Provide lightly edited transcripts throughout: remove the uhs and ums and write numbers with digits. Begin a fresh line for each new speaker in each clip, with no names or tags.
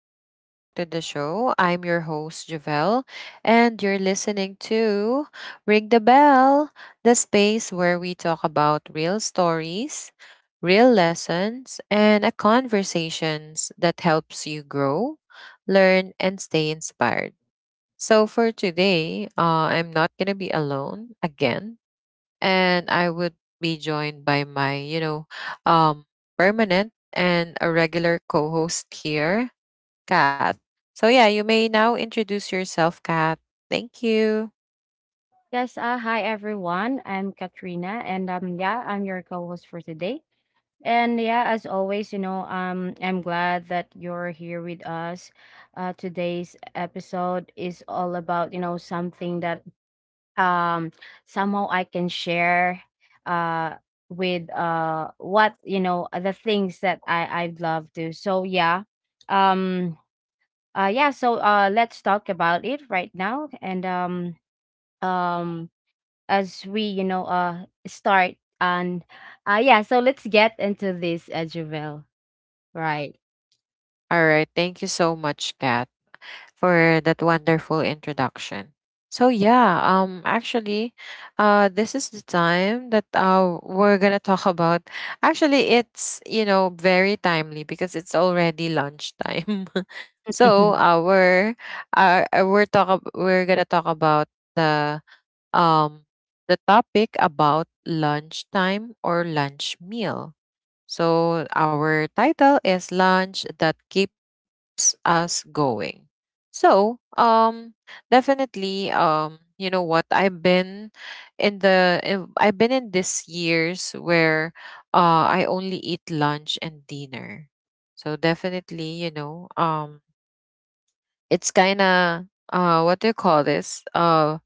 Welcome back to the show. I'm your host, Javelle, and you're listening to Ring the Bell, the space where we talk about real stories, real lessons, and a conversations that helps you grow, learn, and stay inspired. So for today, I'm not going to be alone again and I would be joined by my, um, permanent and a regular co-host here, Kat. So yeah, you may now introduce yourself, Kat. Thank you.
Yes, hi everyone. I'm Katrina, and yeah, I'm your co-host for today. And yeah, as always, I'm glad that you're here with us. Today's episode is all about, something that um somehow I can share uh with what, the things that I'd love to. So yeah. Um yeah, so let's talk about it right now, and um as we start, and yeah, so let's get into this, Javel. Right.
All right, thank you so much, Kat, for that wonderful introduction. So yeah, actually this is the time that we're going to talk about actually it's, you know, very timely because it's already lunchtime. So our we're going to talk about the um the topic about lunchtime or lunch meal. So, our title is Lunch That Keeps Us Going. So, definitely, you know what? I've been I've been in these years where I only eat lunch and dinner. So definitely, you know, it's kind of what do you call this? Uh,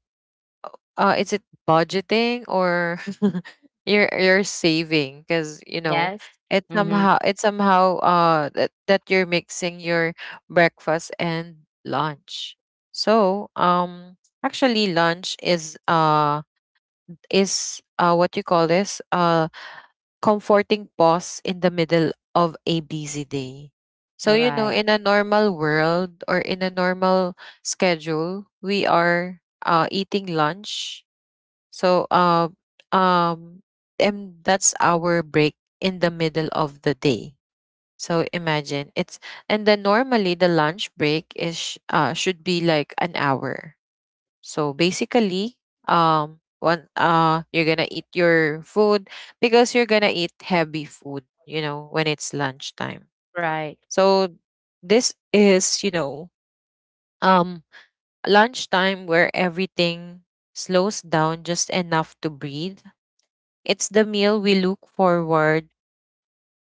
uh Is it budgeting or you're saving because, you know,
Yes. Mm-hmm.
it somehow that, you're mixing your breakfast and lunch. So actually lunch is what you call this, comforting pause in the middle of a busy day. So you know,
Right,
in a normal world or in a normal schedule, we are eating lunch. So um and that's our break in the middle of the day. So imagine it's and then normally the lunch break is should be like an hour. So basically one you're gonna eat your food because you're gonna eat heavy food, you know, when it's lunchtime.
right,
So this is, you know, um lunchtime where everything slows down just enough to breathe. It's the meal we look forward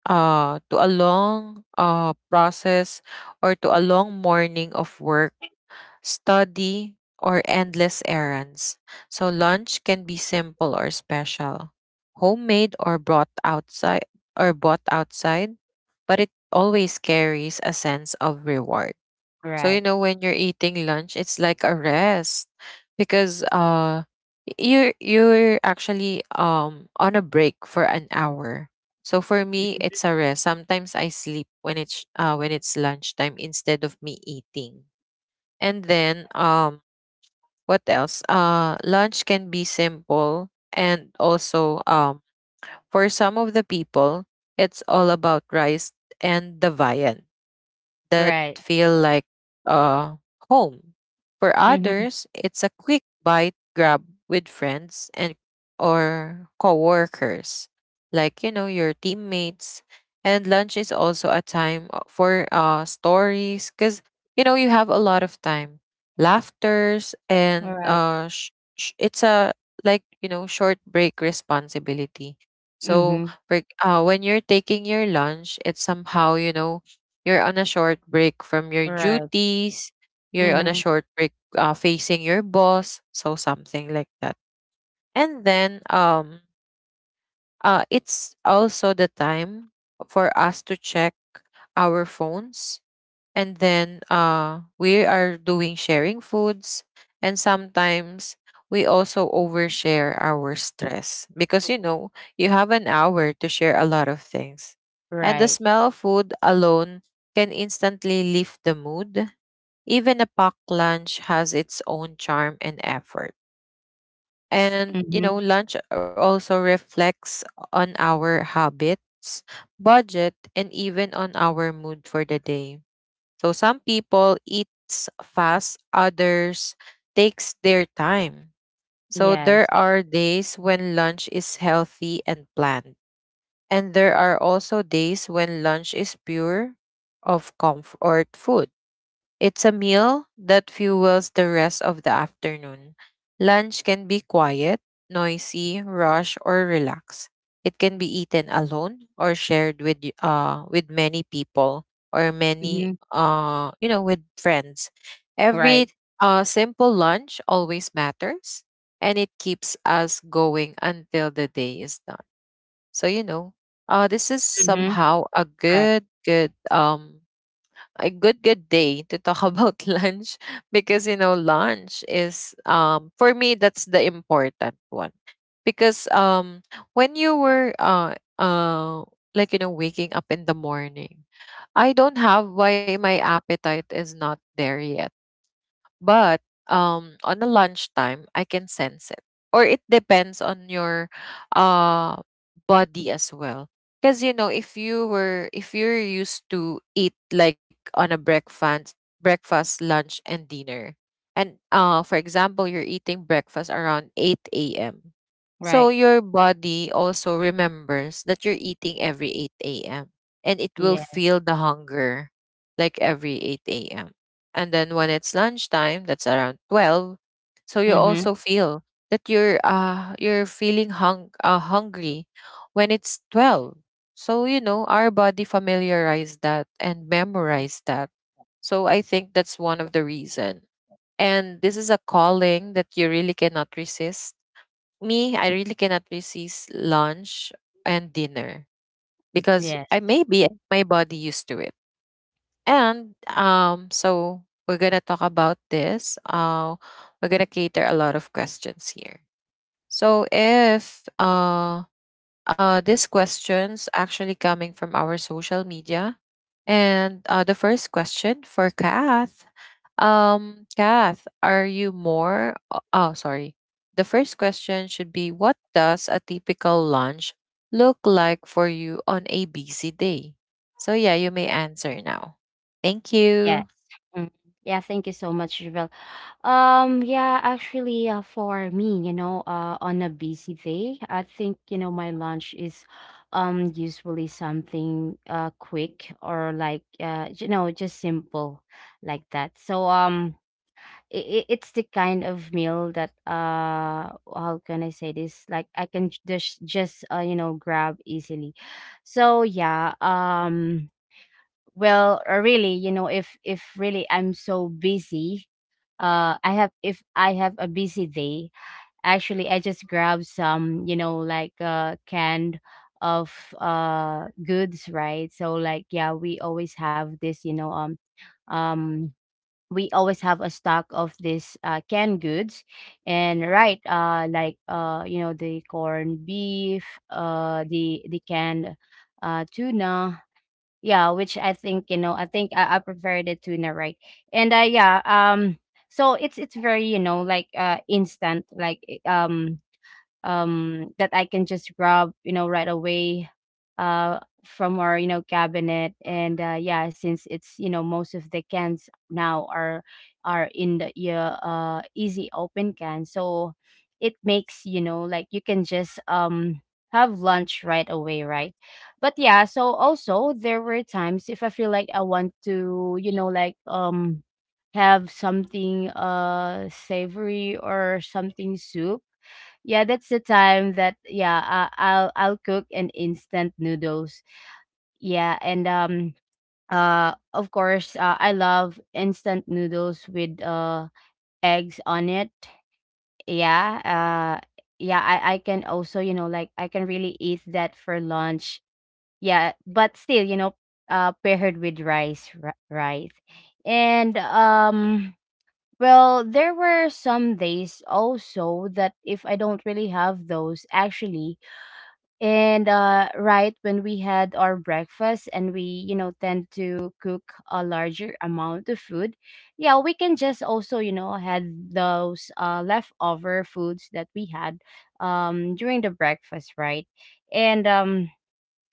to, a long process or to a long morning of work, study, or endless errands. So lunch can be simple or special, homemade or brought outside or bought outside, but it always carries a sense of reward.
right,
So you
right.
know, when you're eating lunch, it's like a rest because you're actually on a break for an hour. So for me,
Mm-hmm.
it's a rest. Sometimes I sleep when it's lunchtime instead of me eating. And then what else? Uh, lunch can be simple and also, for some of the people, it's all about rice and the viand that
Right.
feel like, uh, home. For others, it's a quick bite grab with friends and or coworkers, like, you know, your teammates. And lunch is also a time, for stories because you know, you have a lot of time, laughters,
Mm-hmm.
and
Right.
it's a, like you know, short break responsibility. So for, when you're taking your lunch, it's somehow, you know, you're on a short break from your duties. You're on a
Mm-hmm.
short break, facing your boss. So something like that. And then it's also the time for us to check our phones, and then we are doing sharing foods, and sometimes we also overshare our stress because you know, you have an hour to share a lot of things, and the
Right.
smell of food alone can instantly lift the mood. Even a packed lunch has its own charm and effort, and you
Mm-hmm.
know, lunch also reflects on our habits, budget, and even on our mood for the day. So some people eats fast, others takes their time. So there
Yes.
are days when lunch is healthy and planned, and there are also days when lunch is pure of comfort food. It's a meal that fuels the rest of the afternoon. Lunch can be quiet, noisy, rush, or relaxed. It can be eaten alone or shared with with many people or many,
Mm-hmm.
you know, with friends. Every,
Right.
simple lunch always matters, and it keeps us going until the day is done. So you know, this is
Mm-hmm.
somehow
Right,
a good good day to talk about lunch because you know, lunch is, for me that's the important one because when you were like you know, waking up in the morning, I don't have why my appetite is not there yet, but on a lunchtime, I can sense it. Or it depends on your, uh, body as well. Because you know, if you're used to eat like on a breakfast, breakfast, lunch, and dinner, and for example, you're eating breakfast around eight a.m. So
right,
your body also remembers that you're eating every eight a.m. and it will
yeah.
feel the hunger like every eight a.m. And then when it's lunchtime, that's around 12. So you
Mm-hmm.
also feel that you're feeling hungry when it's 12. So you know, our body familiarized that and memorized that. So I think that's one of the reason. And this is a calling that you really cannot resist. Me, I really cannot resist lunch and dinner because
Yes.
I maybe my body used to it. And, so we're gonna talk about this. We're gonna cater a lot of questions here. So if this question's actually coming from our social media. And the first question for Kath. Kath, are you more? Oh, sorry. The first question should be: What does a typical lunch look like for you on a busy day? So, yeah, you may answer now. Thank
Yes.
you.
Mm. Yeah, thank you so much, Javel. Yeah, actually, for me, on a busy day, I think, my lunch is usually something quick, or like just simple like that. So it's the kind of meal that, how can I say this? Like I can just grab easily. So yeah, well, really, if really I'm so busy, I have if I have a busy day, actually I just grab some, like canned of goods, right? So like yeah, we always have this, um we always have a stock of this, canned goods. And right, like, the corned beef, the canned tuna. Yeah, which I think, I think I prefer the tuna, right? And yeah, so it's very, like instant, like that I can just grab, right away uh, from our, cabinet. And yeah, since it's, most of the cans now are in the yeah, easy open can, so it makes, like you can just have lunch right away, right? But yeah, so also there were times if I feel like I want to, like have something savory, or something soup. Yeah, that's the time that, yeah, I'll cook an instant noodles. Yeah, and of course, I love instant noodles with eggs on it. Yeah, uh yeah, I can also, like I can really eat that for lunch. Yeah, but still, paired with rice, right? And well, there were some days also that if I don't really have those, actually. And right, when we had our breakfast and we, tend to cook a larger amount of food, yeah, we can just also, had those, leftover foods that we had during the breakfast, right? And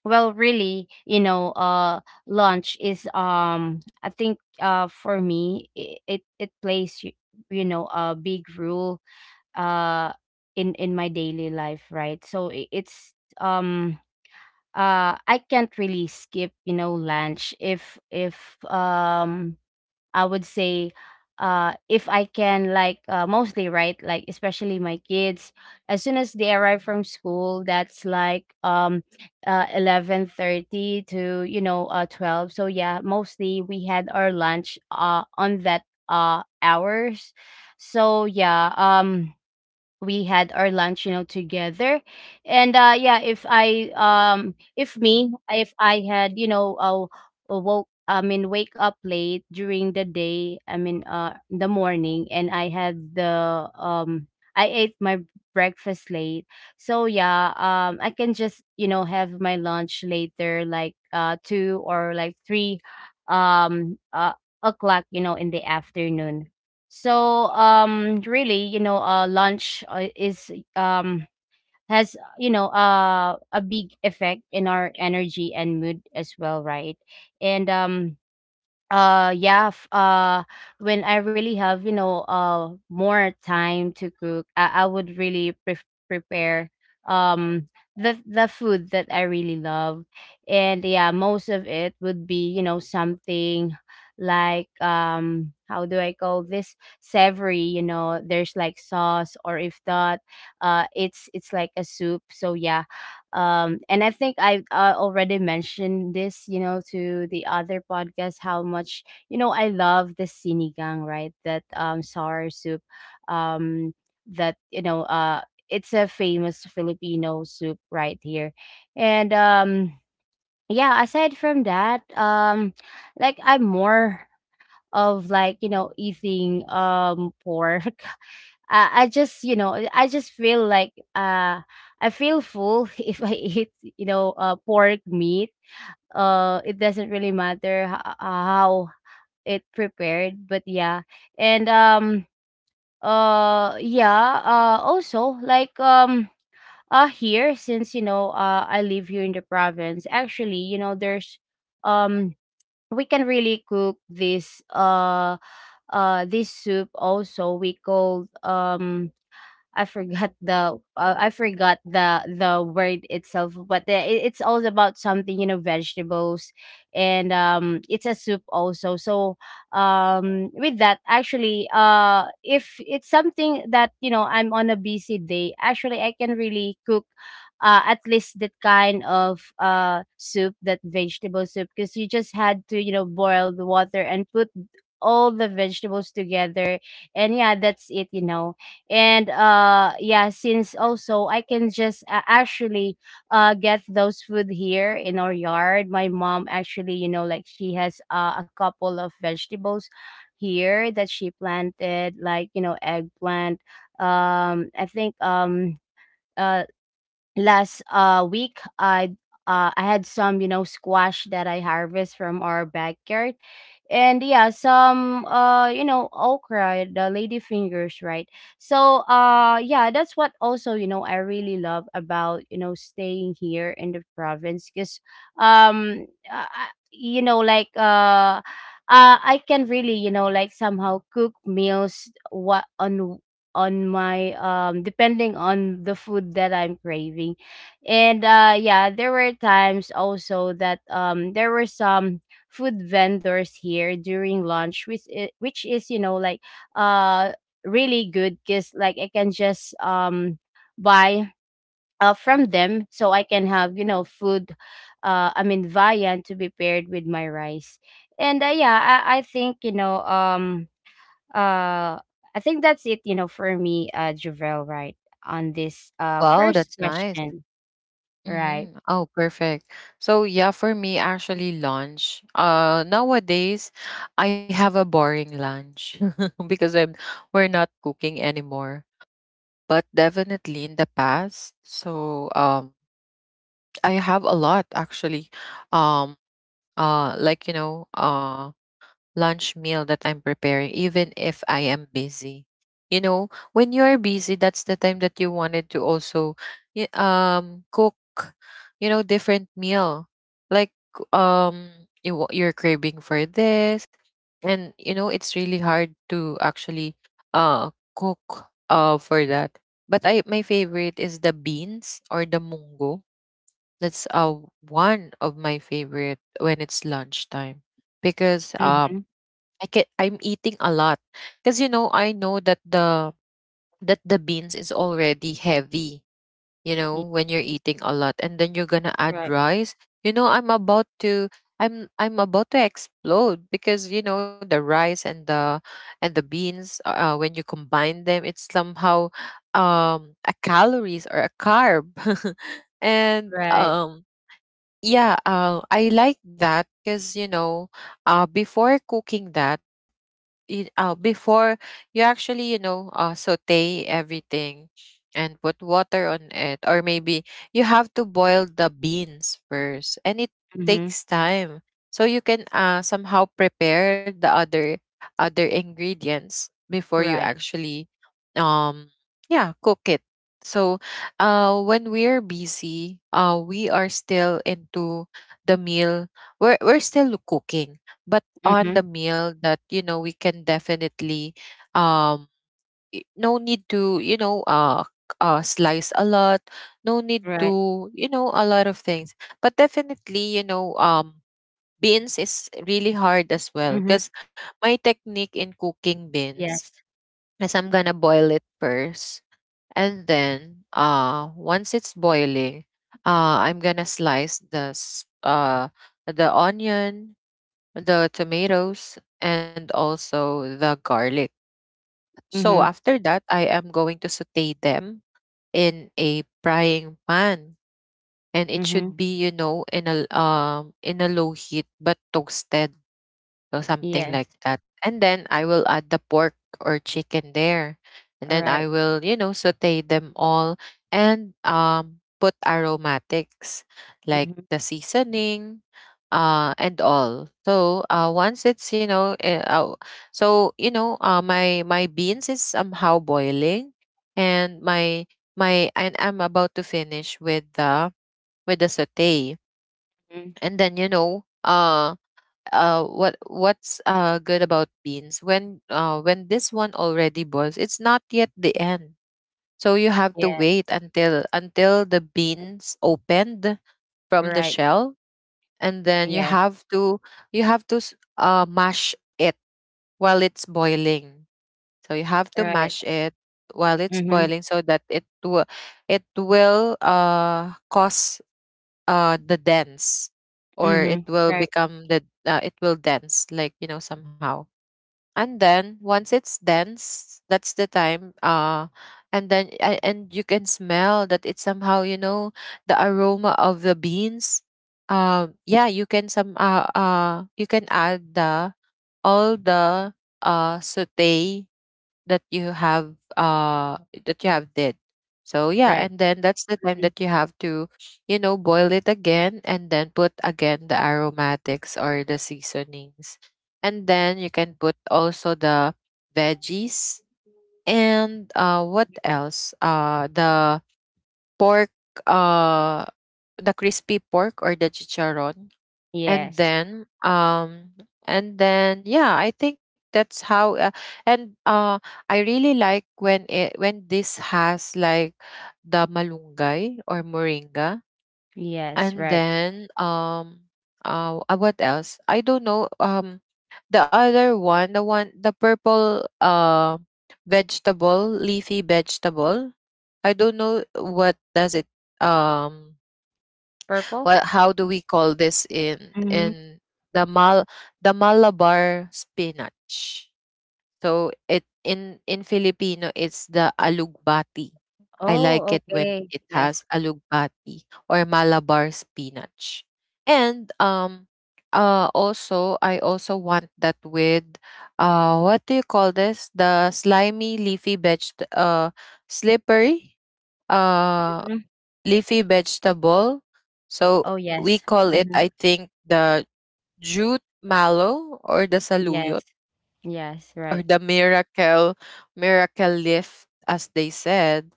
well, really, lunch is, I think, for me, it plays, a big role uh in my daily life, right? So it's, um I can't really skip, lunch if, I would say, if I can, like mostly, right, like especially my kids, as soon as they arrive from school. That's like 11:30 to, 12. So yeah, mostly we had our lunch on that hours. So yeah, we had our lunch, together. And yeah, if I had, you know woke I mean wake up late during the day, I mean the morning, and I had the I ate my breakfast late. So yeah, I can just, have my lunch later, like 2 or like 3 um uh o'clock, in the afternoon. So really, lunch, is, has, a big effect in our energy and mood as well, right? And yeah, when I really have, more time to cook, I would really prepare um the food that I really love. And yeah, most of it would be, something like, how do I call this, savory, there's like sauce, or if not, it's like a soup. So yeah, and I think I already mentioned this, to the other podcast how much, I love the sinigang, right? That, sour soup, um that, it's a famous Filipino soup right here. And, yeah, aside from that, like I'm more of, like, eating, pork I just, I just feel like, I feel full if I eat, pork meat. It doesn't really matter how it prepared, but yeah, and yeah, also, like, here, since, I live here in the province. Actually, there's, um we can really cook this, this soup also, we call, I forgot the, I forgot the word itself, but it's all about something, vegetables, and it's a soup also. So, with that, actually, if it's something that, I'm on a busy day, actually I can really cook, at least that kind of, soup, that vegetable soup, because you just had to, boil the water and put all the vegetables together, and yeah, that's it, and yeah, since also, I can just, actually, get those food here in our yard. My mom actually, like, she has, a couple of vegetables here that she planted, like, eggplant, I think, uh last week, I had some, squash that I harvest from our backyard. And yeah, some, okra, the lady fingers, right? So, yeah, that's what also, I really love about, staying here in the province, because, um uh, I- you know like uh I can really, like, somehow cook meals, what, on my, depending on the food that I'm craving. And yeah, there were times also that, there were some food vendors here during lunch, which is, like, uh really good, cuz like, I can just, buy, from them, so I can have, food, I mean viand, to be paired with my rice. And yeah, I think, uh, I think that's it, for me, Javel, right, on this
Wow, that's
first
nice.
question, right?
Mm-hmm. Oh, perfect. So yeah, for me, actually lunch. Nowadays, I have a boring lunch because I'm we're not cooking anymore. But definitely in the past, so, I have a lot actually. Um, like you know, lunch meal that I'm preparing, even if I am busy. You know, when you are busy, that's the time that you wanted to also cook, you know, different meal. Like, um you you're craving for this, and you know it's really hard to actually uh cook for that. But I, my favorite is the beans or the mungo. That's one of my favorite when it's lunchtime because
Mm-hmm.
I can, I'm eating a lot because you know, I know that the beans is already heavy. You know, when you're eating a lot and then you're gonna add
Right,
rice, you know, I'm about to explode because you know, the rice and the beans, when you combine them, it's somehow, a calories or a carb. And
right.
yeah, I like that because, you know, before cooking that, it before you actually, you know, saute everything and put water on it, or maybe you have to boil the beans first, and it
Mm-hmm.
takes time, so you can, somehow prepare the other ingredients before you
Right.
actually, um yeah, cook it. So when we're busy, we are still into the meal, we're, still cooking, but on
Mm-hmm.
the meal that, you know, we can definitely, um no need to, you know, slice a lot. No need
Right.
to, you know, a lot of things. But definitely, you know, beans is really hard
Mm-hmm.
as well because my technique in cooking
Yes.
beans is I'm gonna boil it first. And then, once it's boiling, I'm gonna slice the the onion, the tomatoes, and also the garlic. So
Mm-hmm.
after that, I am going to saute them in a frying pan, and it
Mm-hmm.
should be, you know, in a, in a low heat but toasted. So something
Yes.
like that. And then I will add the pork or chicken there. And
All
then
right.
I will, you know, saute them all and put aromatics like
Mm-hmm.
the seasoning, and all. So once it's, you know, so you know, uh, my beans is somehow boiling and my and I'm about to finish with the, saute.
Mm-hmm.
And what's good about beans when this one already boils, it's not yet the end. So you have to
Yeah.
wait until the beans opened from the
Right.
shell, and then
Yes.
you have to mash it while it's boiling. So you have to
Right.
mash it while it's
Mm-hmm.
boiling so that it will cause the dense, or it
Mm-hmm.
will
Right.
become the it will dense, like you know, somehow. And then once it's dense, that's the time, and then and you can smell that it's somehow, you know, the aroma of the beans. Yeah, you can some you can add the all the saute that you have, that you have did. So yeah,
Right.
and then that's the time
Mm-hmm.
that you have to, you know, boil it again and then put again the aromatics or the seasonings. And then you can put also the veggies, and what else, the pork, uh the crispy pork or the chicharron. And
Yes.
then, and then yeah, I think that's how and I really like when it, when this has like the malunggay or moringa.
Yes.
And
Right.
then what else, I don't know. The other one, the one, the purple vegetable, leafy vegetable. I don't know what does it. um
Purple.
what, how do we call this in
Mm-hmm.
in the mal, the Malabar spinach. So it, in Filipino it's the alugbati. I like
Oh,
it when
okay.
it has
Yes.
alugbati or Malabar spinach. And also I also want that with, what do you call this? The slimy leafy veg uh slippery, uh
Mm-hmm.
leafy vegetable. So
Oh,
we
yes.
call it,
Mm-hmm.
I think, the jute mallow or the saluyot,
Yes. Yes,
or
right.
the miracle, leaf, as they said.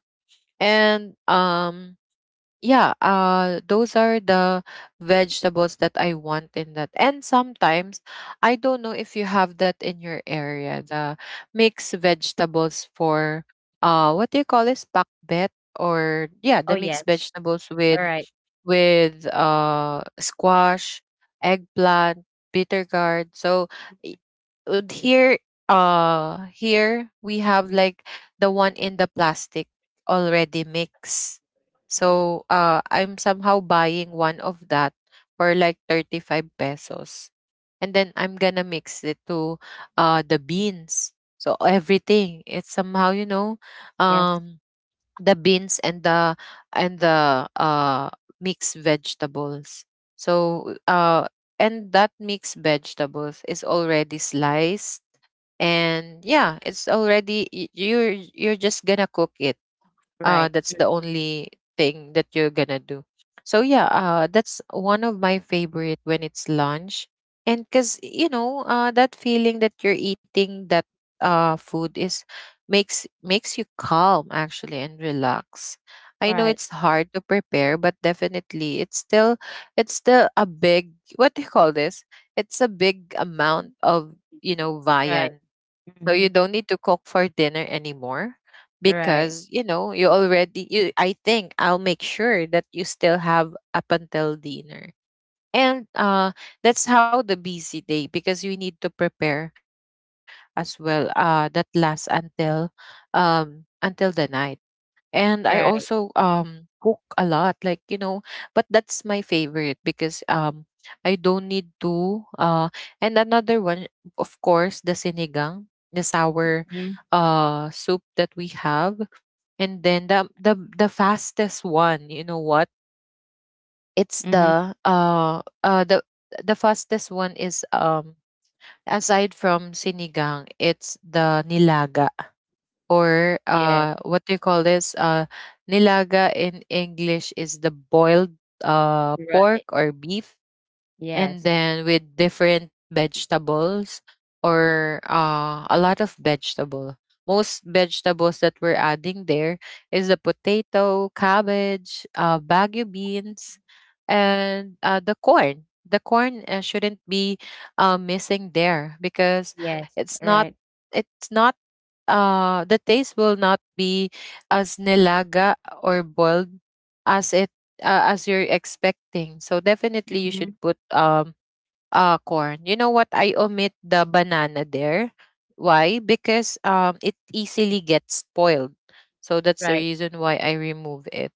And yeah, those are the vegetables that I want in that. And sometimes I don't know if you have that in your area, the mixed vegetables for, what do you call this, pakbet, or yeah, the
Oh,
mixed
yes.
vegetables with
All right.
with squash, eggplant, bitter gourd. So would here, here we have like the one in the plastic, already mixed. So I'm somehow buying one of that for like 35 pesos, and then I'm gonna mix it to the beans. So everything, it's somehow, you know,
Yes.
um the beans and the mixed vegetables. So and that mixed vegetables is already sliced. And yeah, it's already you're just gonna cook it.
Right.
That's the only thing that you're gonna do. So yeah, that's one of my favorite when it's lunch. And because, you know, that feeling that you're eating that food is makes you calm actually, and relax. I know
Right.
it's hard to prepare, but definitely it's still a big, what do you call this? It's a big amount
Mm.
of, you know, viand.
Right.
So you
Mm-hmm.
don't need to cook for dinner anymore,
Right.
because you know you already you, I think I'll make sure that you still have up until dinner. And that's how the busy day, because you need to prepare as well, that lasts until, until the night. And I also
Right.
cook a lot, like, you know. But that's my favorite because I don't need to and another one, of course, the sinigang, the sour
Mm-hmm.
soup that we have. And then the fastest one, you know what, it's
Mm-hmm.
the, the fastest one is aside from sinigang, it's the nilaga, or
Yes.
what do you call this? Nilaga in English is the boiled, pork
Right.
or beef, and
Yes.
then with different vegetables, or a lot of vegetable. Most vegetables that we're adding there is the potato, cabbage, bagu beans, and the corn. The corn shouldn't be missing there because
Yes.
it's not
Right.
it's not the taste will not be as nilaga or boiled as it as you're expecting. So definitely you should
Mm-hmm.
put corn. You know what? I omit the banana there. Why? Because it easily gets spoiled. So that's the
Right.
reason why I remove it.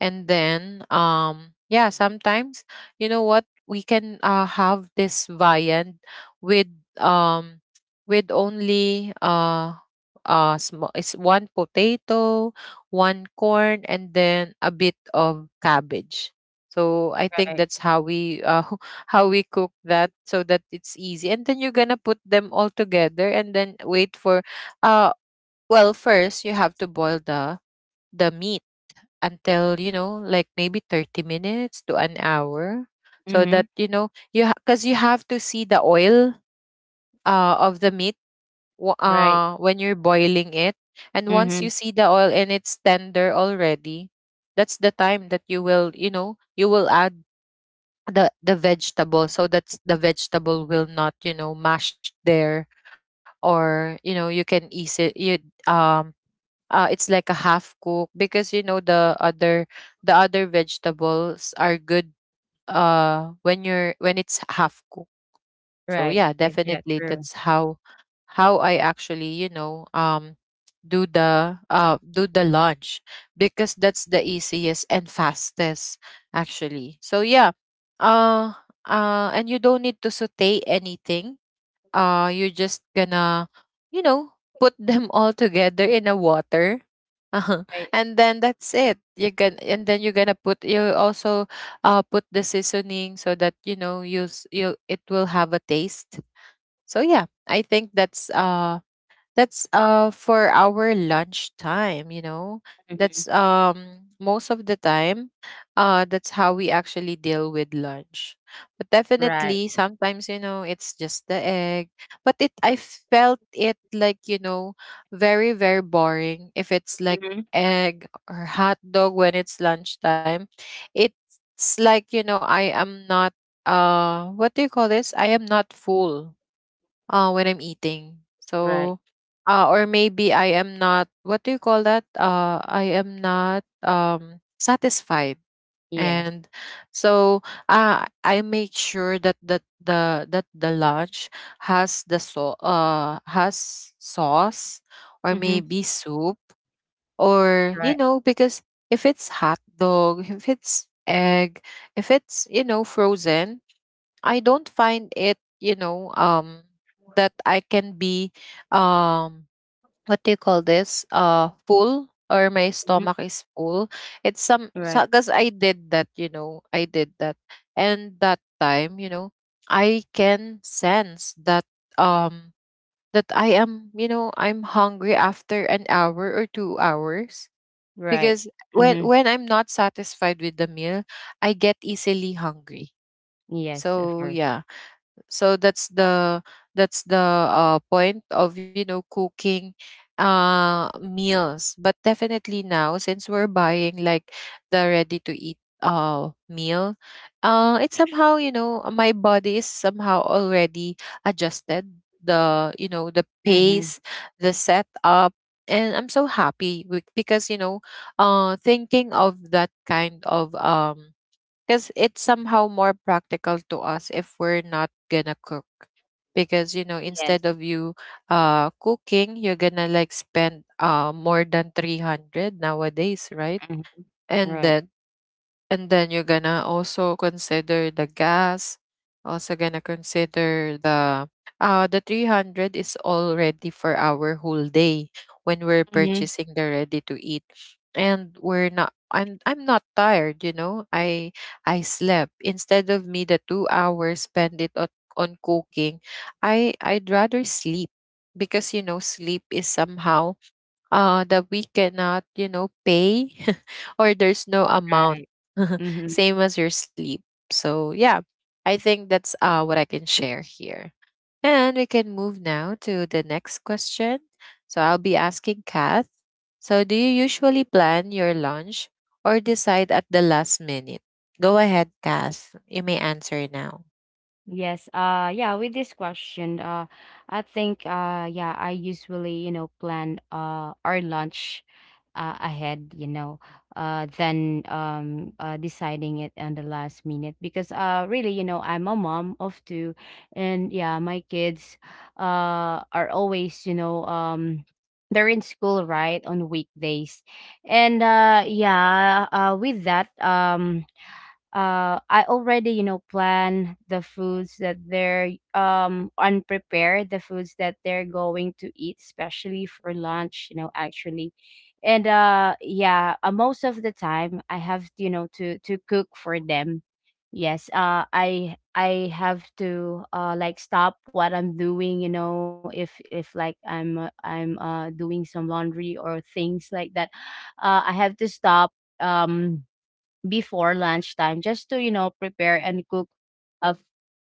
And then yeah, sometimes, you know what, we can have this viand with, um with only it's one potato, one corn, and then a bit of cabbage. So I think
Right.
that's how we how we cook that, so that it's easy, and then you're gonna put them all together and then wait for, uh well first you have to boil the meat until, you know, like maybe 30 minutes to an hour. So
Mm-hmm.
that, you know, you, because you have to see the oil of the meat,
Right.
when you're boiling it. And once you
Mm-hmm.
see the oil and it's tender already, that's the time that you will, you know, you will add the vegetable, so that the vegetable will not, you know, mash there. Or you know, you can easy you, um it's like a half cook, because you know the other, the other vegetables are good when you're, when it's half cooked. So
Right.
yeah,
Yeah,
definitely
true.
that's how I actually, you know, do the, do the lunch, because that's the easiest and fastest actually. So yeah, uh and you don't need to saute anything. You're just gonna, you know, put them all together in a water.
Right.
And then that's it, you can, and then you're gonna put, you also put the seasoning, so that, you know, you, it will have a taste. So yeah, I think that's for our lunch time, you know,
Mm-hmm.
that's most of the time, that's how we actually deal with lunch. But
Right.
definitely sometimes, you know, it's just the egg. But it, I felt it like, you know, very, very boring if it's like
Mm-hmm.
egg or hot dog when it's lunchtime. It's like, you know, I am not, what do you call this, I am not full, when I'm eating.
Right.
So, or maybe I am not, what do you call that? I am not, satisfied.
Yes.
And so, I make sure that the that the lunch has the, so has sauce, or
Mm-hmm.
maybe soup, or, you
Right.
know, because if it's hot dog, if it's egg, if it's, you know, frozen, I don't find it, you know, that I can be, um, what do you call this? Full, or my
Mm-hmm.
stomach is full. It's some
Right.
because I did that, you know, I did that, and that time, you know, I can sense that, um, that I am, you know, I'm hungry after an hour or 2 hours.
Right.
Because when
Mm-hmm.
when I'm not satisfied with the meal, I get easily hungry.
Yes, of
So
course.
yeah, so that's the point of, you know, cooking meals. But definitely now, since we're buying like the ready to eat meal, it's somehow, you know, my body is somehow already adjusted, the, you know, the
Mm-hmm.
pace, the setup. And I'm so happy with, because, you know, thinking of that kind of, because it's somehow more practical to us if we're not gonna cook. Because, you know,
Yes.
instead of you cooking, you're gonna like spend more than 300 nowadays, right?
Mm-hmm.
And
Right.
then, and then you're gonna also consider the gas, also gonna consider the, the 300 is already for our whole day when we're
Mhm,
purchasing the ready to eat. And we're not, I'm, I'm not tired, you know. I slept. Instead of me the 2 hours spend it on cooking, I, I'd rather sleep, because, you know, sleep is somehow that we cannot, you know, pay or there's no amount,
right. Mhm.
same as your sleep. So, yeah, I think that's what I can share here. And we can move now to the next question. So, I'll be asking Kath. So, do you usually plan your lunch or decide at the last minute? Go ahead, Kath. You may answer now.
Yes. Yeah, with this question, I think, yeah, I usually, plan our lunch ahead, than, deciding it on the last minute, because, really, I'm a mom of two. And yeah, my kids are always, they're in school right on weekdays. And yeah, with that, I already, plan the foods that they're, unprepared, the foods that they're going to eat, especially for lunch, actually. And yeah, most of the time I have, to cook for them. Yes, I have to, like, stop what I'm doing, if like I'm, I'm doing some laundry or things like that. I have to stop, um before lunchtime, just to, prepare and cook, uh,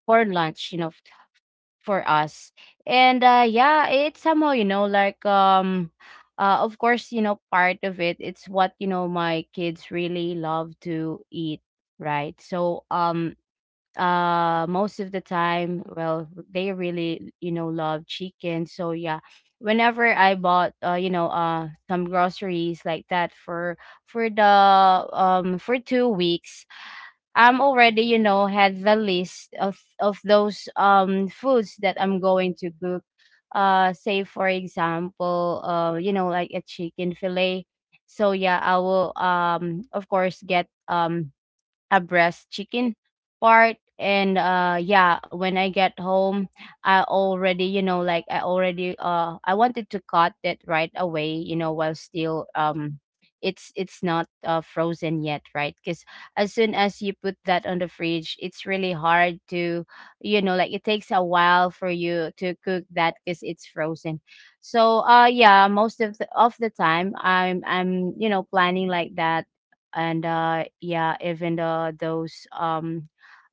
for lunch, for us. And yeah, it's somehow, like, of course, part of it, it's what, my kids really love to eat, right? So, most of the time, well, they really, love chicken. So yeah, whenever I bought, some groceries like that, for the for 2 weeks, I'm already, had the list of those foods that I'm going to cook. Say for example, like a chicken fillet. So yeah, I will of course get a breast chicken part. And yeah, when I get home, I already like I wanted to cut it right away, you know, while still it's not frozen yet, right? Because as soon as you put that on the fridge, it's really hard to, you know, like it takes a while for you to cook that because it's frozen. So yeah, most of the time I'm, you know, planning like that. And yeah, even the those um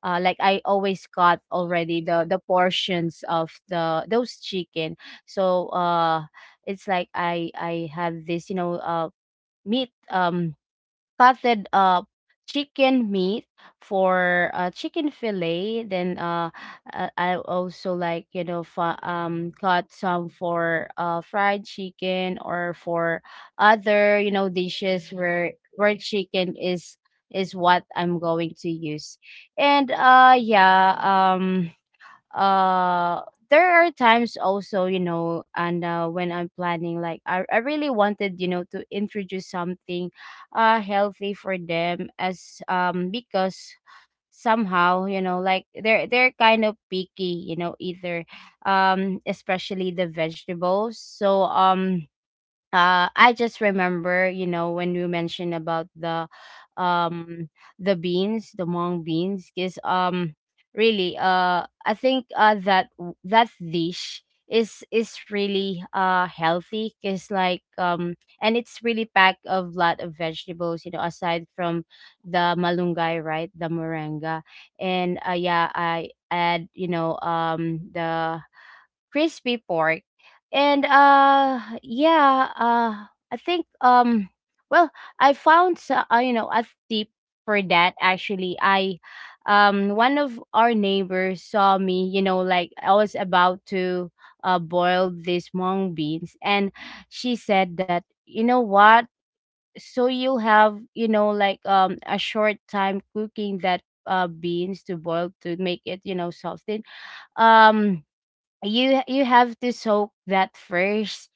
uh, like, I always got already the portions of the those chicken. so uh it's like I have this, you know, meat, cutted up chicken meat for, chicken fillet. Then I also, like, you know, cut some for fried chicken or for other, you know, dishes where chicken is what I'm going to use. And yeah uh there are times also, you know, and when I'm planning, like I really wanted, you know, to introduce something healthy for them as because somehow, you know, like they're kind of picky, you know, either especially the vegetables. I just remember, you know, when you mentioned about the um beans, the mung beans. Because really I think that that dish is really healthy, because like and it's really packed of lot of vegetables, you know, aside from the malunggay, right, the moringa. And yeah, I add, you know, the crispy pork. And I think well, I found you know, a tip for that actually. I One of our neighbors saw me, you know, like I was about to boil these mung beans, and she said that, you know what? So you have, you know, like a short time cooking that beans to boil to make it, you know, softened. Um you have to soak that first,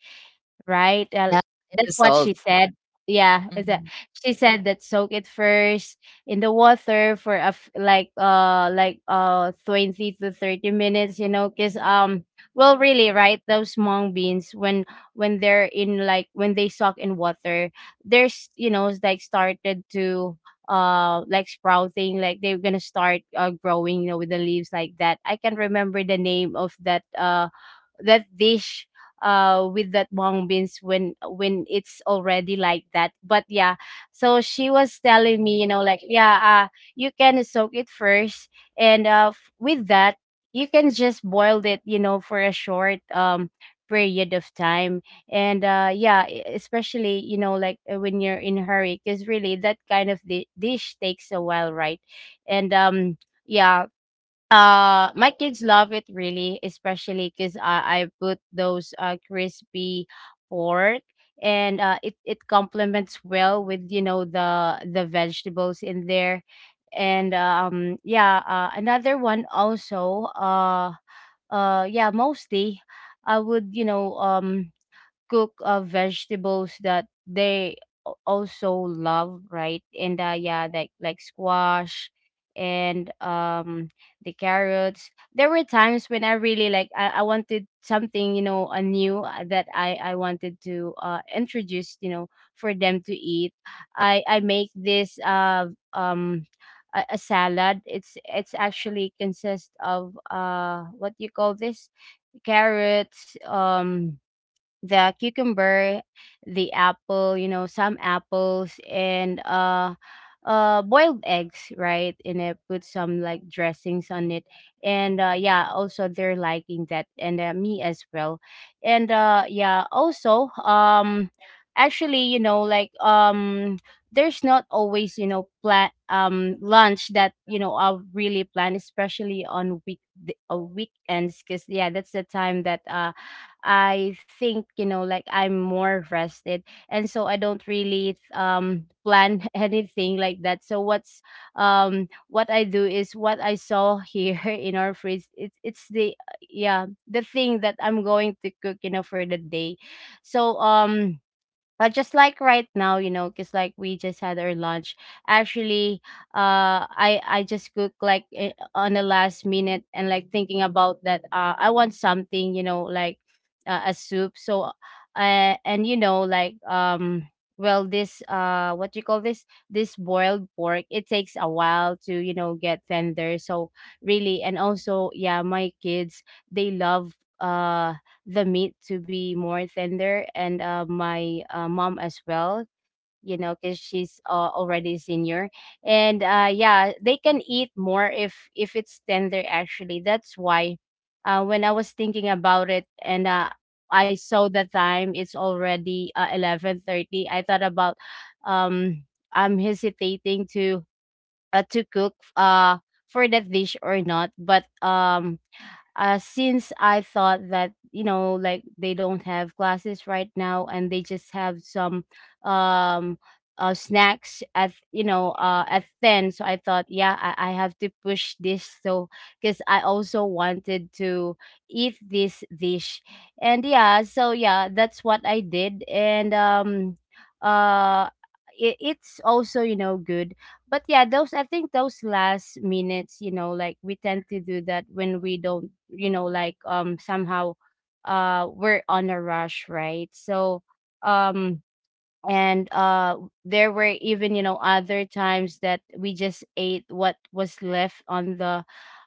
right?
Yeah,
That's
it
what
is
she
all.
said. Yeah, is that
Mhm.
she said that soak it first in the water for a f- like 20 to 30 minutes, you know, cuz well really, right? Those mung beans when they're in, like when they soak in water, there's, you know, it's like started to like sprouting, like they're gonna start growing, you know, with the leaves like that. I can remember the name of that that dish with that mung beans when it's already like that. But yeah, so she was telling me, you know, like, yeah, you can soak it first, and with that you can just boil it, you know, for a short period of time. And yeah, especially, you know, like when you're in a hurry, because really that kind of dish takes a while, right? and yeah My kids love it really, especially because I put those crispy pork, and it complements well with, you know, the vegetables in there. And yeah, another one also. Yeah Mostly I would, you know, cook vegetables that they also love, right? And yeah, like squash and the carrots. There were times when I really, like I wanted something, you know, new, that I wanted to introduce, you know, for them to eat. I make this um a salad. It's actually consists of what do you call this, carrots, the cucumber, the apple, you know, some apples, and boiled eggs, right? And I put some, like, dressings on it. And yeah, also they're liking that, and me as well. And yeah, also actually, you know, like there's not always, you know, plan lunch that, you know, I'll really plan, especially on weekends, cuz yeah, that's the time that I think, you know, like I'm more rested. And so I don't really plan anything like that. So what I do is what I saw here in our fridge. It's the, yeah, the thing that I'm going to cook, you know, for the day. So just like right now, you know, because like we just had our lunch. Actually, I just cook like, on the last minute, and like thinking about that. I want something, you know, like a soup. So, and you know, like well, this what you call this? This boiled pork, it takes a while to, you know, get tender. So really, and also yeah, my kids, they love the meat to be more tender, and my mom as well, you know, because she's already senior. And yeah, they can eat more if it's tender. Actually, that's why when I was thinking about it, and I saw the time, it's already 11:30. I thought about um I'm hesitating to cook for that dish or not. But since I thought that, you know, like they don't have classes right now, and they just have some um snacks at, you know, at 10. So I thought, yeah, I have to push this, so because I also wanted to eat this dish. And yeah, so yeah, that's what I did. And um uh it, it's also, you know, good. But yeah, those, I think those last minutes, you know, like we tend to do that when we don't, you know, like somehow we're on a rush, right? so um and There were even, you know, other times that we just ate what was left on the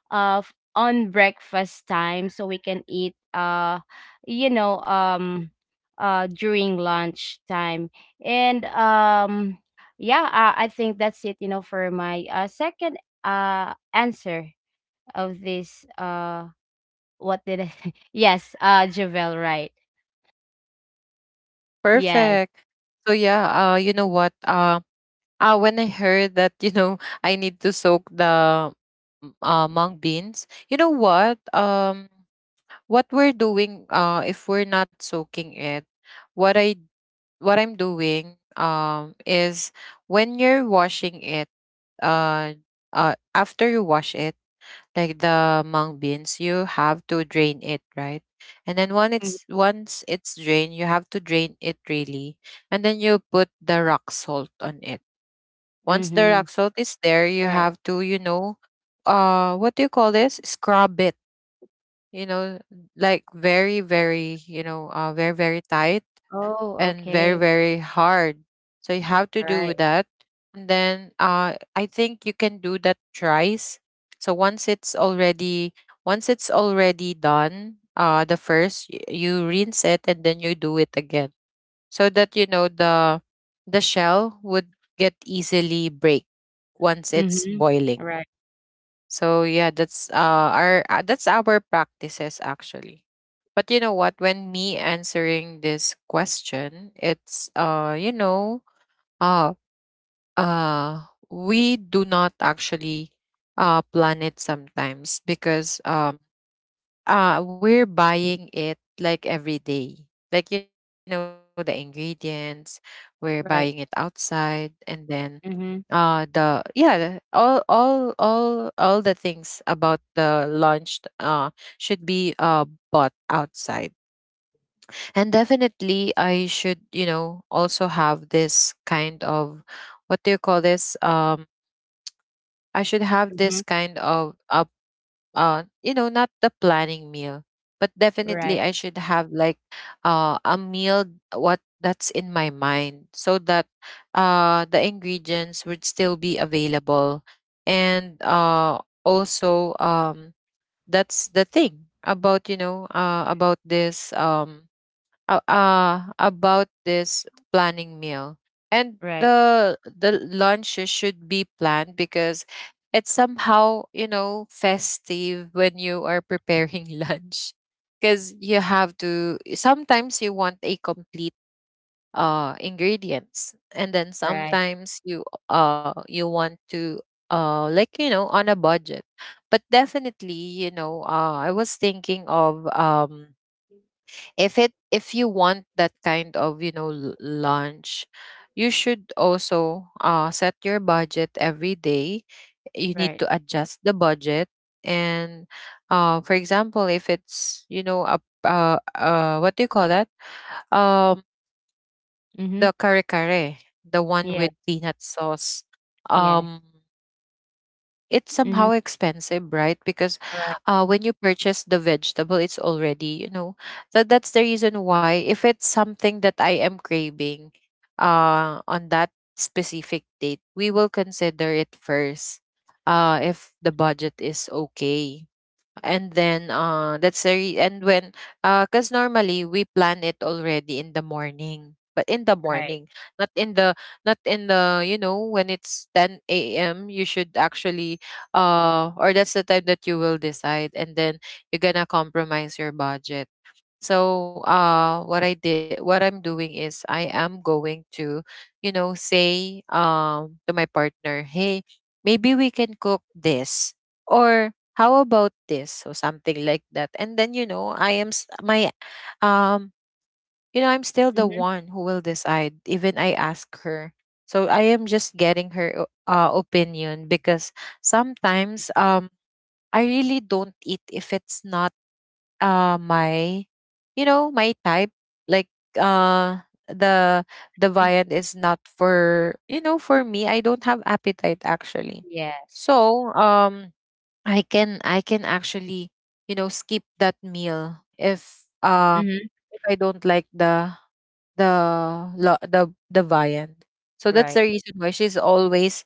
on breakfast time, so we can eat you know, during lunch time. And yeah, I think that's it, you know, for my second answer of this what did I yes, Javel, right? Yes.
Perfect. So yeah, you know what? When I heard that, you know, I need to soak the mung beans, you know what? What we're doing, if we're not soaking it, what I what I'm doing, is when you're washing it, uh, after you wash it, like the mung beans, you have to drain it, right? And then once it's drained, you have to drain it really, and then you put the rock salt on it. Once the
Mm-hmm.
rock salt is there, you
Right.
have to, you know, what do you call this? Scrub it, you know, like very, very, you know, very, very tight,
Oh,
and
okay.
very, very hard. So you have to
Right.
do that. And then I think you can do that thrice. So once it's already done, the first you rinse it and then you do it again so that the shell would get easily break once it's
Mm-hmm.
boiling.
Right.
So yeah, that's our that's our practices actually. But you know what, when me answering this question, it's uh uh we do not actually plan it sometimes because we're buying it like every day, like you know, the ingredients. We're buying it
Right.
outside, and then
Mm-hmm.
the yeah, all the things about the lunch should be bought outside. And definitely I should, you know, also have this kind of, what do you call this? I should have
Mm-hmm.
this kind of a, you know, not the planning meal, but
Right.
definitely I should have like a meal, what that's in my mind, so that the ingredients would still be available. And also that's the thing about, you know, about this planning meal. And
Right.
the lunches should be planned because it's somehow, you know, festive when you are preparing lunch, because you have to, sometimes you want a complete ingredients, and then
Right.
sometimes you you want to, like you know, on a budget. But definitely, you know, I was thinking of, if it, if you want that kind of, you know, lunch, you should also, set your budget every day. You need
Right.
to adjust the budget. And for example, if it's, you know, what do you call that? um
Mm-hmm.
the kare kare, the one with
Yes,
peanut sauce.
yes.
um it's
Mhm.
somehow expensive, right? Because
Right,
when you purchase the vegetable, it's already, you know, that, that's the reason why if it's something that I am craving on that specific date, we will consider it first, if the budget is okay. And then that's the and when, because normally we plan it already in the morning, but in the
right.
morning, not in the not in the, you know, when it's 10 a.m, you should actually, or that's the time that you will decide, and then you're gonna compromise your budget. So what I did, what I'm doing is I am going to, you know, say to my partner, "Hey, maybe we can cook this, or how about this?" or something like that. And then, you know, I am s- my um you know, I'm still the
Mhm,
one who will decide even I ask her. So I am just getting her opinion, because sometimes I really don't eat if it's not my you know, my type, like uh the the
mm.
viand is not for, you know, for me, I don't have appetite actually.
Yes.
So I can actually, you know, skip that meal
Mhm.
if I don't like the viand. So that's
Right.
the reason why she's always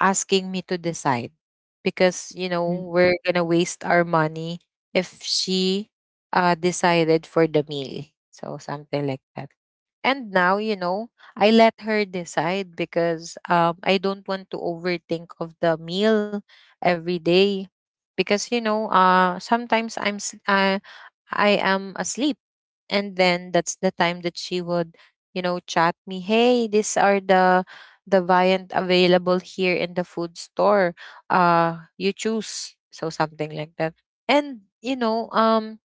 asking me to decide, because you
Mm.
know we're gonna waste our money if she decided for the meal, so something like that. And now, you know, I let her decide because I don't want to overthink of the meal every day, because you know, sometimes I am asleep, and then that's the time that she would, you know, chat me, "Hey, these are the variant available here in the food store. You choose." So something like that. And you know, um,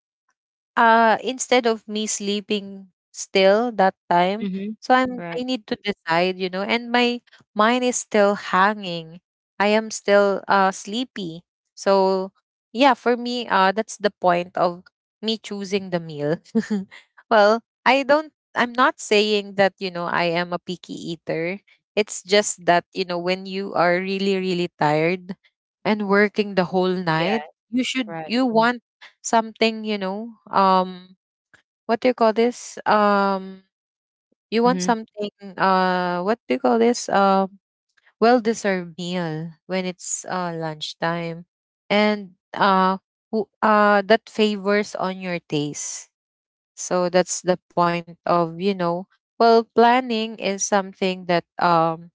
uh, instead of me sleeping still that time,
Mhm.
so
Right.
I need to decide, you know, and my mind is still hanging. I am still sleepy. So yeah, for me, that's the point of me choosing the meal. Well, I'm not saying that, you know, I am a picky eater. It's just that, you know, when you are really, really tired and working the whole
Yeah,
night,
right.
you want something, you know, what do you call this? You want
Mhm,
something, what do you call this? Well deserved meal when it's lunchtime. And that favors on your taste. So that's the point of, you know, well, planning is something that,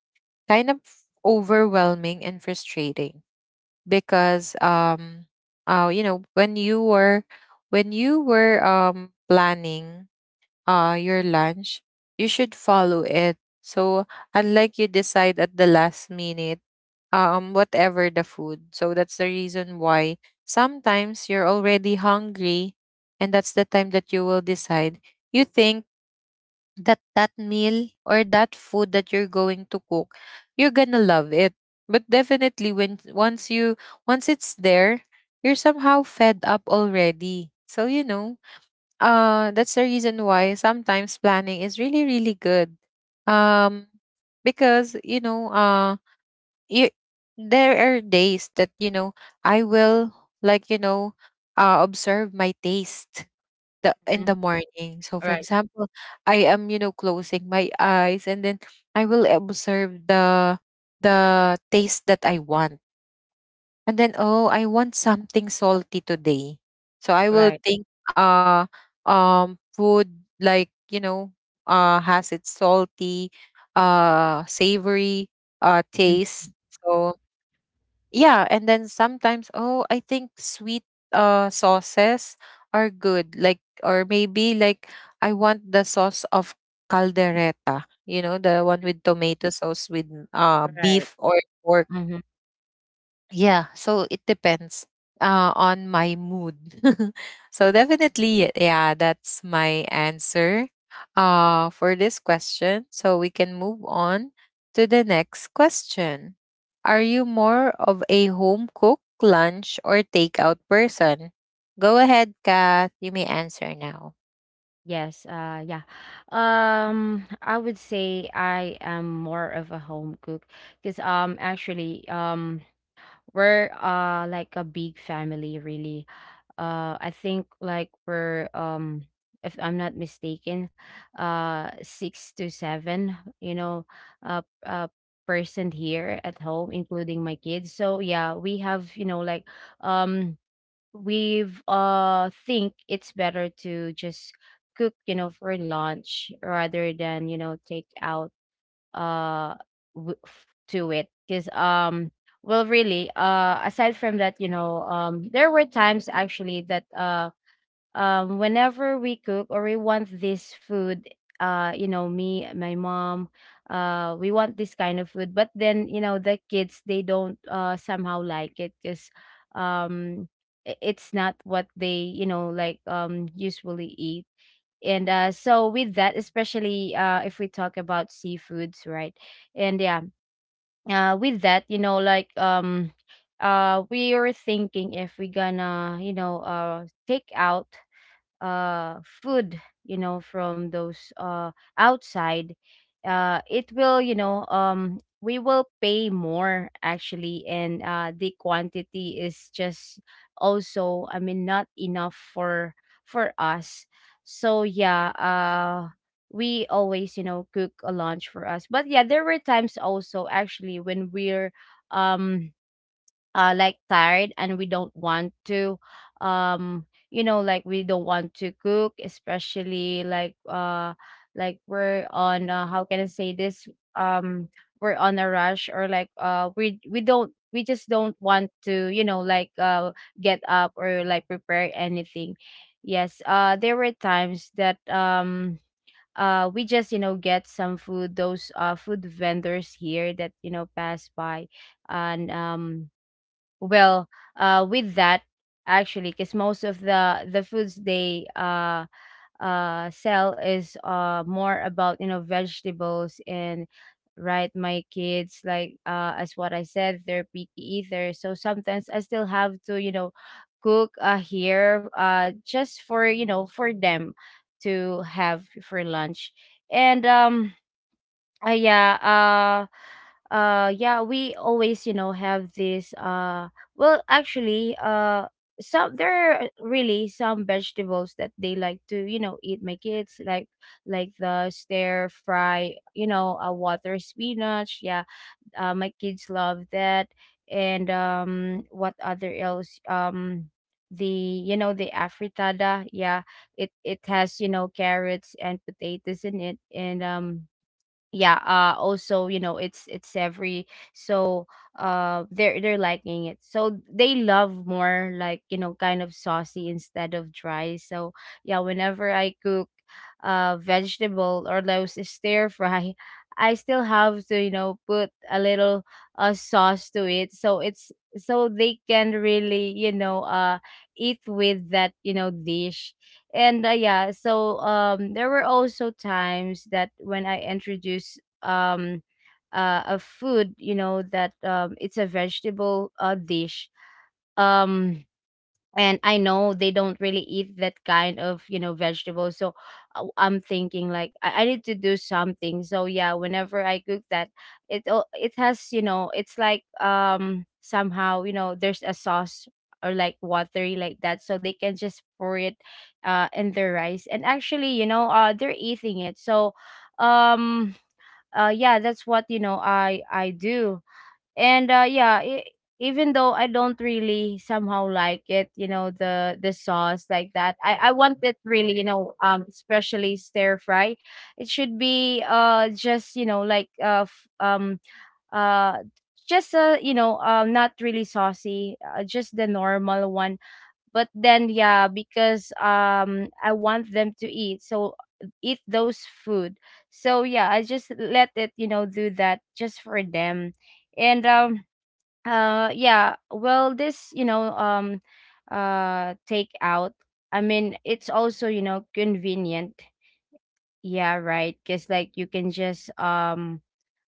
kind of overwhelming and frustrating, because you know, when you were, planning your lunch, you should follow it. So unlike you decide at the last minute whatever the food. So that's the reason why sometimes you're already hungry, and that's the time that you will decide. You think that that meal or that food that you're going to cook, you're gonna love it. But definitely when once you, once it's there, you're somehow fed up already. So you know, that's the reason why sometimes planning is really, really good. um because you know, you there are days that, you know, I will, like, you know, observe my taste the in
mhm.
the morning. So for
Right,
example, I am, you know, closing my eyes, and then I will observe the taste that I want. And then, oh, I want something salty today. So I will
right.
think, food, like you know, has its salty, savory,
Mm,
taste. So yeah, and then sometimes, oh, I think sweet sauces are good, like, or maybe like I want the sauce of caldereta, you know, the one with tomato sauce with
right.
beef or pork.
Mhm.
Yeah, so it depends on my mood. So definitely, yeah, that's my answer for this question. So we can move on to the next question. Are you more of a home cook, lunch, or takeout person? Go ahead, Kath. You may answer now.
Yes, yeah. I would say I am more of a home cook because actually, we're, like, a big family really. I think like we're if I'm not mistaken, six to seven, you know, uh uh person here at home, including my kids. So yeah, we have, you know, like um we've think it's better to just cook, you know, for lunch rather than, you know, take out uh to it. Because well really, aside from that, you know, there were times actually that whenever we cook or we want this food, you know, me, my mom, we want this kind of food. But then, you know, the kids they don't somehow like it, because um it's not what they, you know, like usually eat. And so with that, especially if we talk about seafoods, right? And yeah, with that, you know, like we were thinking if we gonna, you know, take out food, you know, from those outside, it will, you know, we will pay more actually, and the quantity is just also, I mean, not enough for us. So we always, you know, cook a lunch for us. But yeah, there were times also, actually, when we're um like tired and we don't want to you know, like, we don't want to cook, especially like we're on how can I say this, um we're on a rush, or like we don't, we just don't want to, you know, like get up or like prepare anything. Yes, there were times that we just, you know, get some food, those food vendors here that, you know, pass by. And well, with that, actually, because most of the foods they sell is more about, you know, vegetables. And right, my kids like, as what I said, they're picky eaters. So sometimes I still have to, you know, cook here just for, you know, for them to have for lunch. And yeah, yeah, we always, you know, have this well, actually, some, there are really some vegetables that they like to, you know, eat. My kids like the stir fry, you know, a water spinach. Yeah, my kids love that. And what other else? The you know the afritada. Yeah, it has carrots and potatoes in it. And um yeah uh also, it's every. So they're liking it, so they love more, like, kind of saucy instead of dry. So yeah, whenever I cook vegetable or those stir fry, I still have to put a little sauce to it, so it's so they can really eat with that dish. And yeah, so there were also times that when I introduce a food, that it's a vegetable, dish. um and I know they don't really eat that kind of, vegetables. So I'm thinking, like, I need to do something. So yeah, whenever I cook that, it has, it's like somehow, there's a sauce, or like watery, like that, so they can just pour it in their rice. And actually, they're eating it. So um yeah, that's what, I do. And even though I don't really somehow like it, the sauce like that, I want it really, especially stir fry. It should be just, like uh just, not really saucy, just the normal one. But then yeah, because I want them to eat, so eat those food. So yeah, I just let it, do that just for them. And yeah. Well, this, take out. I mean, it's also, convenient. Yeah, right. Because, like, you can just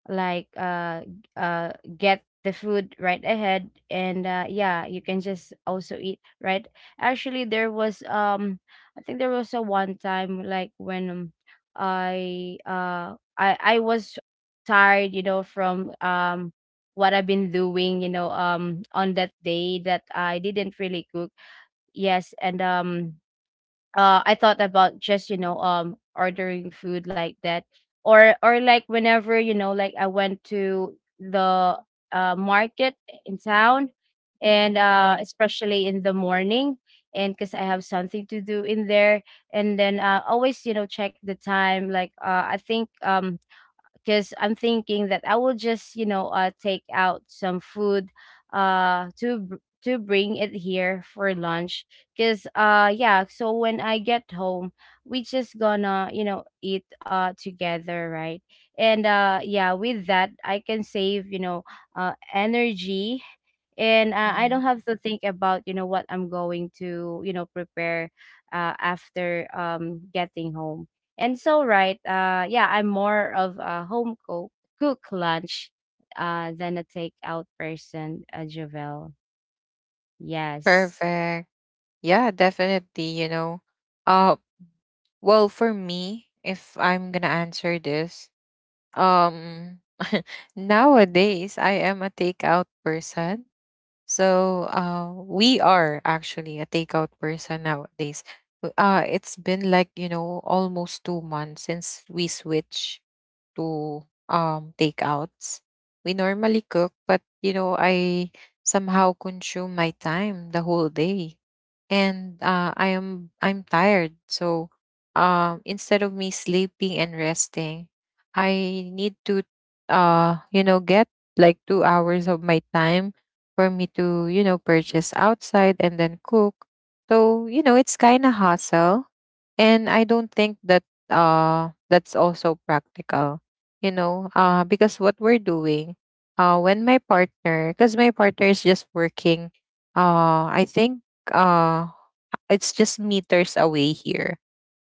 like uh uh get the food right ahead. And yeah, you can just also eat right. Actually, there was I think there was a one time, like, when I was tired, from what I've been doing, on that day, that I didn't really cook. Yes. And I thought about just, ordering food like that. Or like, whenever, like I went to the market in town. And especially in the morning, and cuz I have something to do in there. And then always, check the time, like I think, because I'm thinking that I will just, take out some food uh, to br- to bring it here for lunch. Because, yeah, so when I get home, we just gonna, eat together, right? And, yeah, with that, I can save, energy. And, I don't
Mhm.
have to think about, what I'm going to, prepare after getting home. And so, right, yeah, I'm more of a home cook, cook lunch, than a takeout person, Javel. Yes.
Perfect. Yeah, definitely, you know. uh, well, for me, if I'm gonna answer this, Um, nowadays, I am a takeout person. So, we are actually a takeout person nowadays. It's been like, you know, almost 2 months since we switched to takeouts. We normally cook, but you know, I somehow consume my time the whole day. And I'm tired. So instead of me sleeping and resting, I need to, you know, get like 2 hours of my time for me to, you know, purchase outside and then cook. So, you know, it's kind of hassle, and I don't think that that's also practical. You know, because what we're doing, when my partner, because my partner is just working, I think uh it's just meters away here,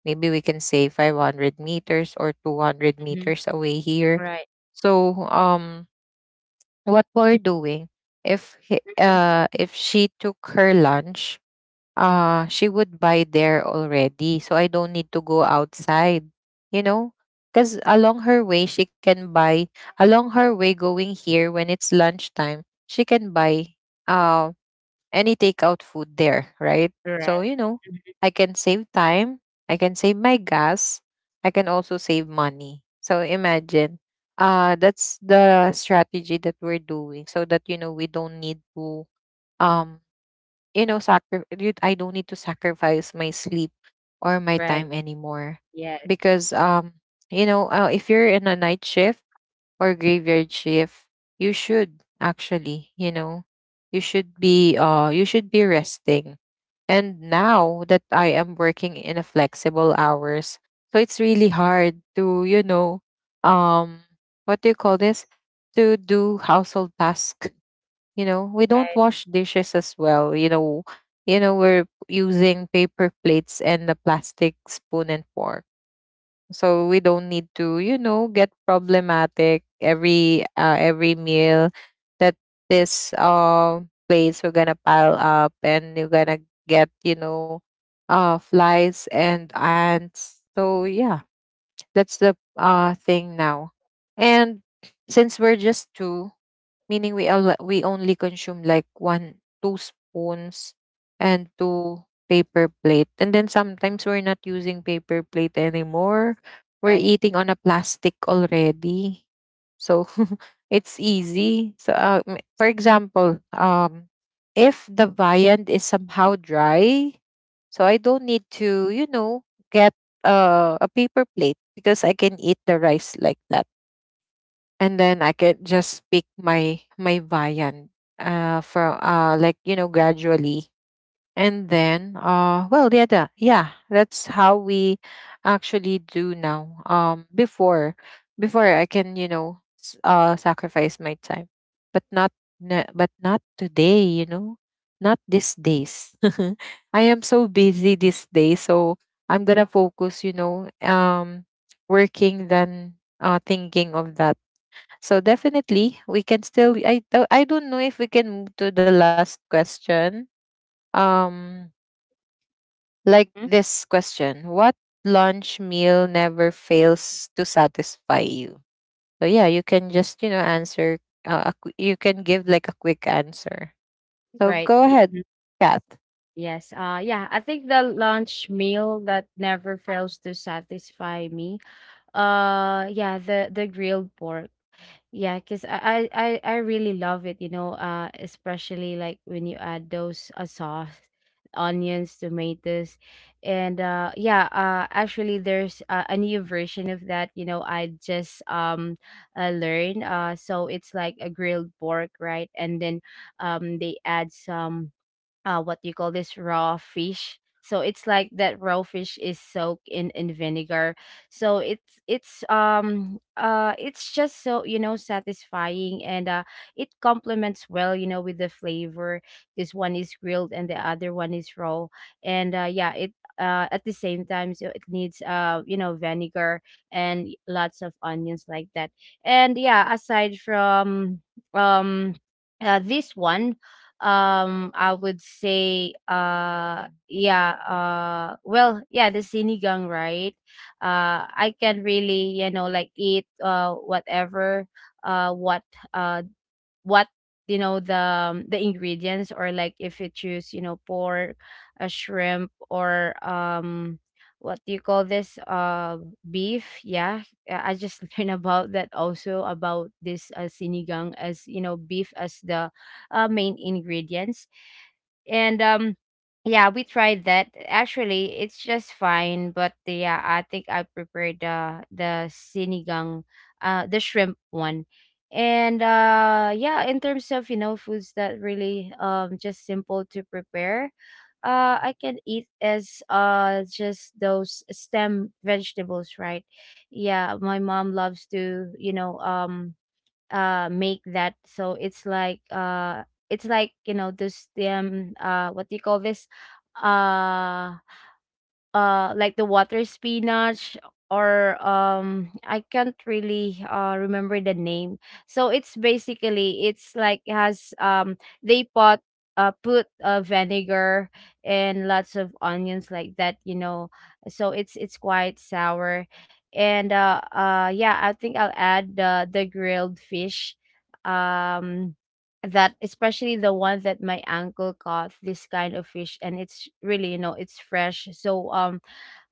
maybe we can say 500 meters or 200
Hmm.
meters away here.
Right.
So what we're doing, if
Hmm.
if she took her lunch, she would buy there already, so I don't need to go outside, you know, because along her way she can buy, along her way going here when it's lunchtime she can buy uh any takeout food there, right?
Right.
So you know,
Mhm.
I can save time, I can save my gas, I can also save money, so imagine. That's the strategy that we're doing so that, you know, we don't need to, um you know, I don't need to sacrifice my sleep or my
Right.
time anymore.
Yes.
Because, you know, if you're in a night shift or graveyard shift, you should actually, you know, you should be resting. And now that I am working in a flexible hours, so it's really hard to, you know, um, what do you call this? To do household tasks. You know, we don't
Right.
wash dishes as well, you know. You know, we're using paper plates and a plastic spoon and fork, so we don't need to, you know, get problematic every meal that this plates are gonna pile up, and you're gonna get, you know, flies and ants. So yeah, that's the thing now. And since we're just two, meaning we all, we only consume like one two spoons and two paper plate, and then sometimes we're not using paper plate anymore, we're
Right.
eating on a plastic already. So it's easy. So for example, if the viand is somehow dry, so I don't need to, you know, get a paper plate, because I can eat the rice like that, and then I could just pick my viand for like, you know, gradually. And then well yeah, yeah, that's how we actually do now. Before, before I can, you know, sacrifice my time, but not, but not today, you know, not these days. I am so busy this day, so I'm gonna focus, you know, working than thinking of that. So definitely we can still, I don't know if we can move to the last question. Um like
Hmm.
this question, what lunch meal never fails to satisfy you? So yeah, you can just, you know, answer a you can give like a quick answer. So
Right.
go ahead,
Mhm.
Kat.
Yes. Yeah, I think the lunch meal that never fails to satisfy me... Yeah, the grilled pork. Yeah, cause I really love it, especially, like, when you add those, sauce, onions, tomatoes. And yeah, actually there's a new version of that, I just learned. So it's like a grilled pork, right? And then they add some, what do you call this, raw fish. So it's like that raw fish is soaked in vinegar. So it's it's just so, satisfying. And it complements well, with the flavor. This one is grilled and the other one is raw. And yeah, it at the same time, so it needs vinegar and lots of onions like that. And yeah, aside from um this one, I would say well yeah, the sinigang, right? I can really, like eat whatever, uh what uh what you know the the ingredients, or like if you choose, pork, a shrimp, or what do you call this, beef. Yeah. I just learned about that also, about this, sinigang, as beef as the main ingredients. And yeah, we tried that. Actually, it's just fine, but yeah, I think I prepared the sinigang, the shrimp one. And yeah, in terms of, foods that really just simple to prepare, I can eat as just those stem vegetables, right? Yeah, my mom loves to, make that. So it's like it's like, those what do you call this, uh like the water spinach, or I can't really remember the name. So it's basically, it's like, has they pot put vinegar and lots of onions like that, So it's quite sour. And yeah, I think I'll add the grilled fish. Um that, especially the one that my uncle caught, this kind of fish, and it's really, it's fresh. So um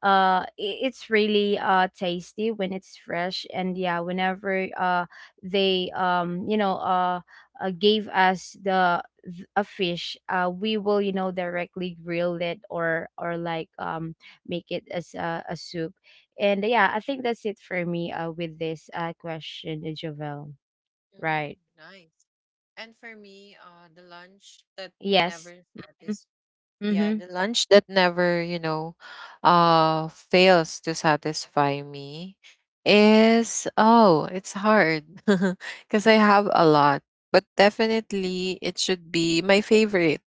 uh i- it's really tasty when it's fresh. And yeah, whenever they, gave us the a fish, we will, directly grill it, or like make it as a soup. And yeah, I think that's it for me with this question, Jovel.
Mm-hmm.
Right.
Nice. And for me, the lunch that
Yes.
never satisfies,
Mm-hmm.
yeah, the lunch that never, you know, fails to satisfy me is, oh, it's hard because I have a lot. But definitely it should be my favorite,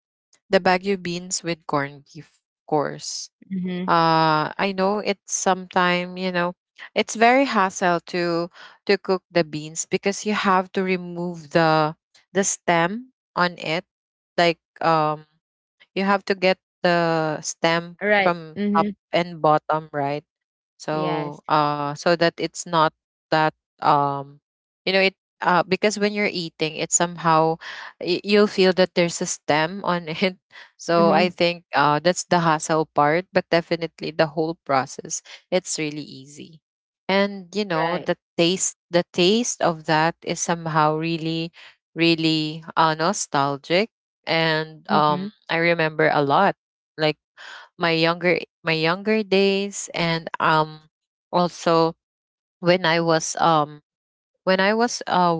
the Baguio beans with corned beef, of course.
Mm-hmm.
I know it's sometime, you know, it's very hassle to cook the beans because you have to remove the stem on it, like you have to get the stem
Right.
from top
Mm-hmm.
and bottom, right? So,
Yes.
so that it's not that, um, you know, it, because when you're eating, it somehow you'll feel that there's a stem on it. So I
Mm-hmm.
think that's the hassle part, but definitely the whole process, it's really easy. And you know,
Right.
the taste of that is somehow really, really nostalgic, and
Mm-hmm.
I remember a lot. Like my younger days, and also when I was, when I was uh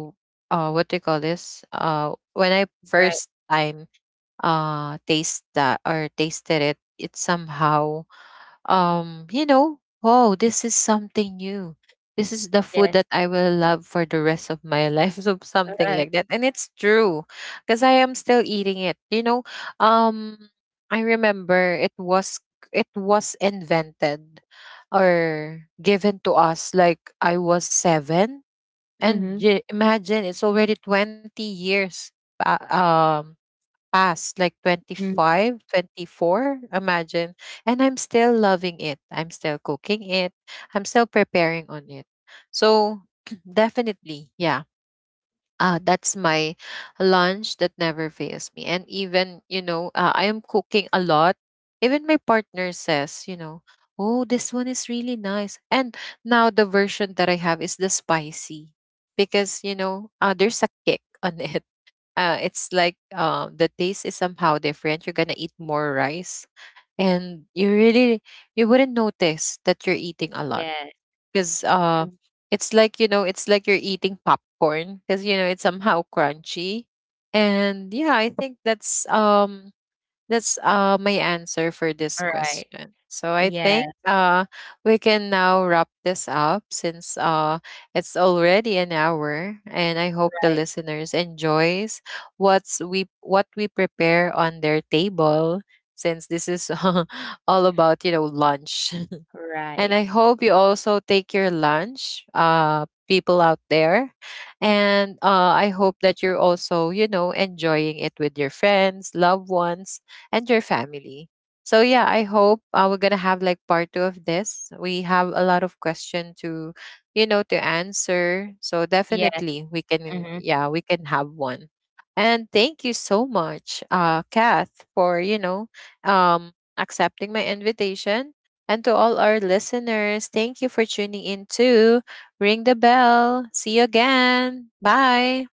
what do you call this? When I
Right.
first time taste that or tasted it, it somehow, you know, oh, this is something new. This is the food that
Yes.
I will love for the rest of my life. So
All
something like
right.
that. And it's true, because I am still eating it. You know, um, I remember it was, it was invented or given to us like I was 7. And
Mm-hmm.
imagine, it's already 20 years pa- um past, like twenty
Mm.
five, 24. Imagine. And I'm still loving it. I'm still cooking it. I'm still preparing on it. So definitely, yeah. That's my lunch that never fails me. And even, you know, I am cooking a lot. Even my partner says, you know, oh, this one is really nice. And now the version that I have is the spicy, because, you know, there's a kick on it. It's like, the taste is somehow different. You're gonna eat more rice, and you really, you wouldn't notice that you're eating a lot
Yes.
because
Mm.
it's like, you know, it's like you're eating popcorn because, you know, it's somehow crunchy. And yeah, I think that's my answer for this
Right.
question. So I think
Yes.
we can now wrap this up since it's already an hour, and I hope the
Right.
listeners enjoys what we prepare on their table since this is all about, you know, lunch. And I
Right.
hope you also take your lunch, people out there, and I hope that you're also, you know, enjoying it with your friends, loved ones, and your family. So yeah, I hope we're gonna have like part two of this. We have a lot of question to, you know, to answer. So
Yes.
definitely we can,
Mhm.
yeah, we can have one. And thank you so much, Kath, for, you know, accepting my invitation. And to all our listeners, thank you for tuning in too. Ring the bell. See you again. Bye.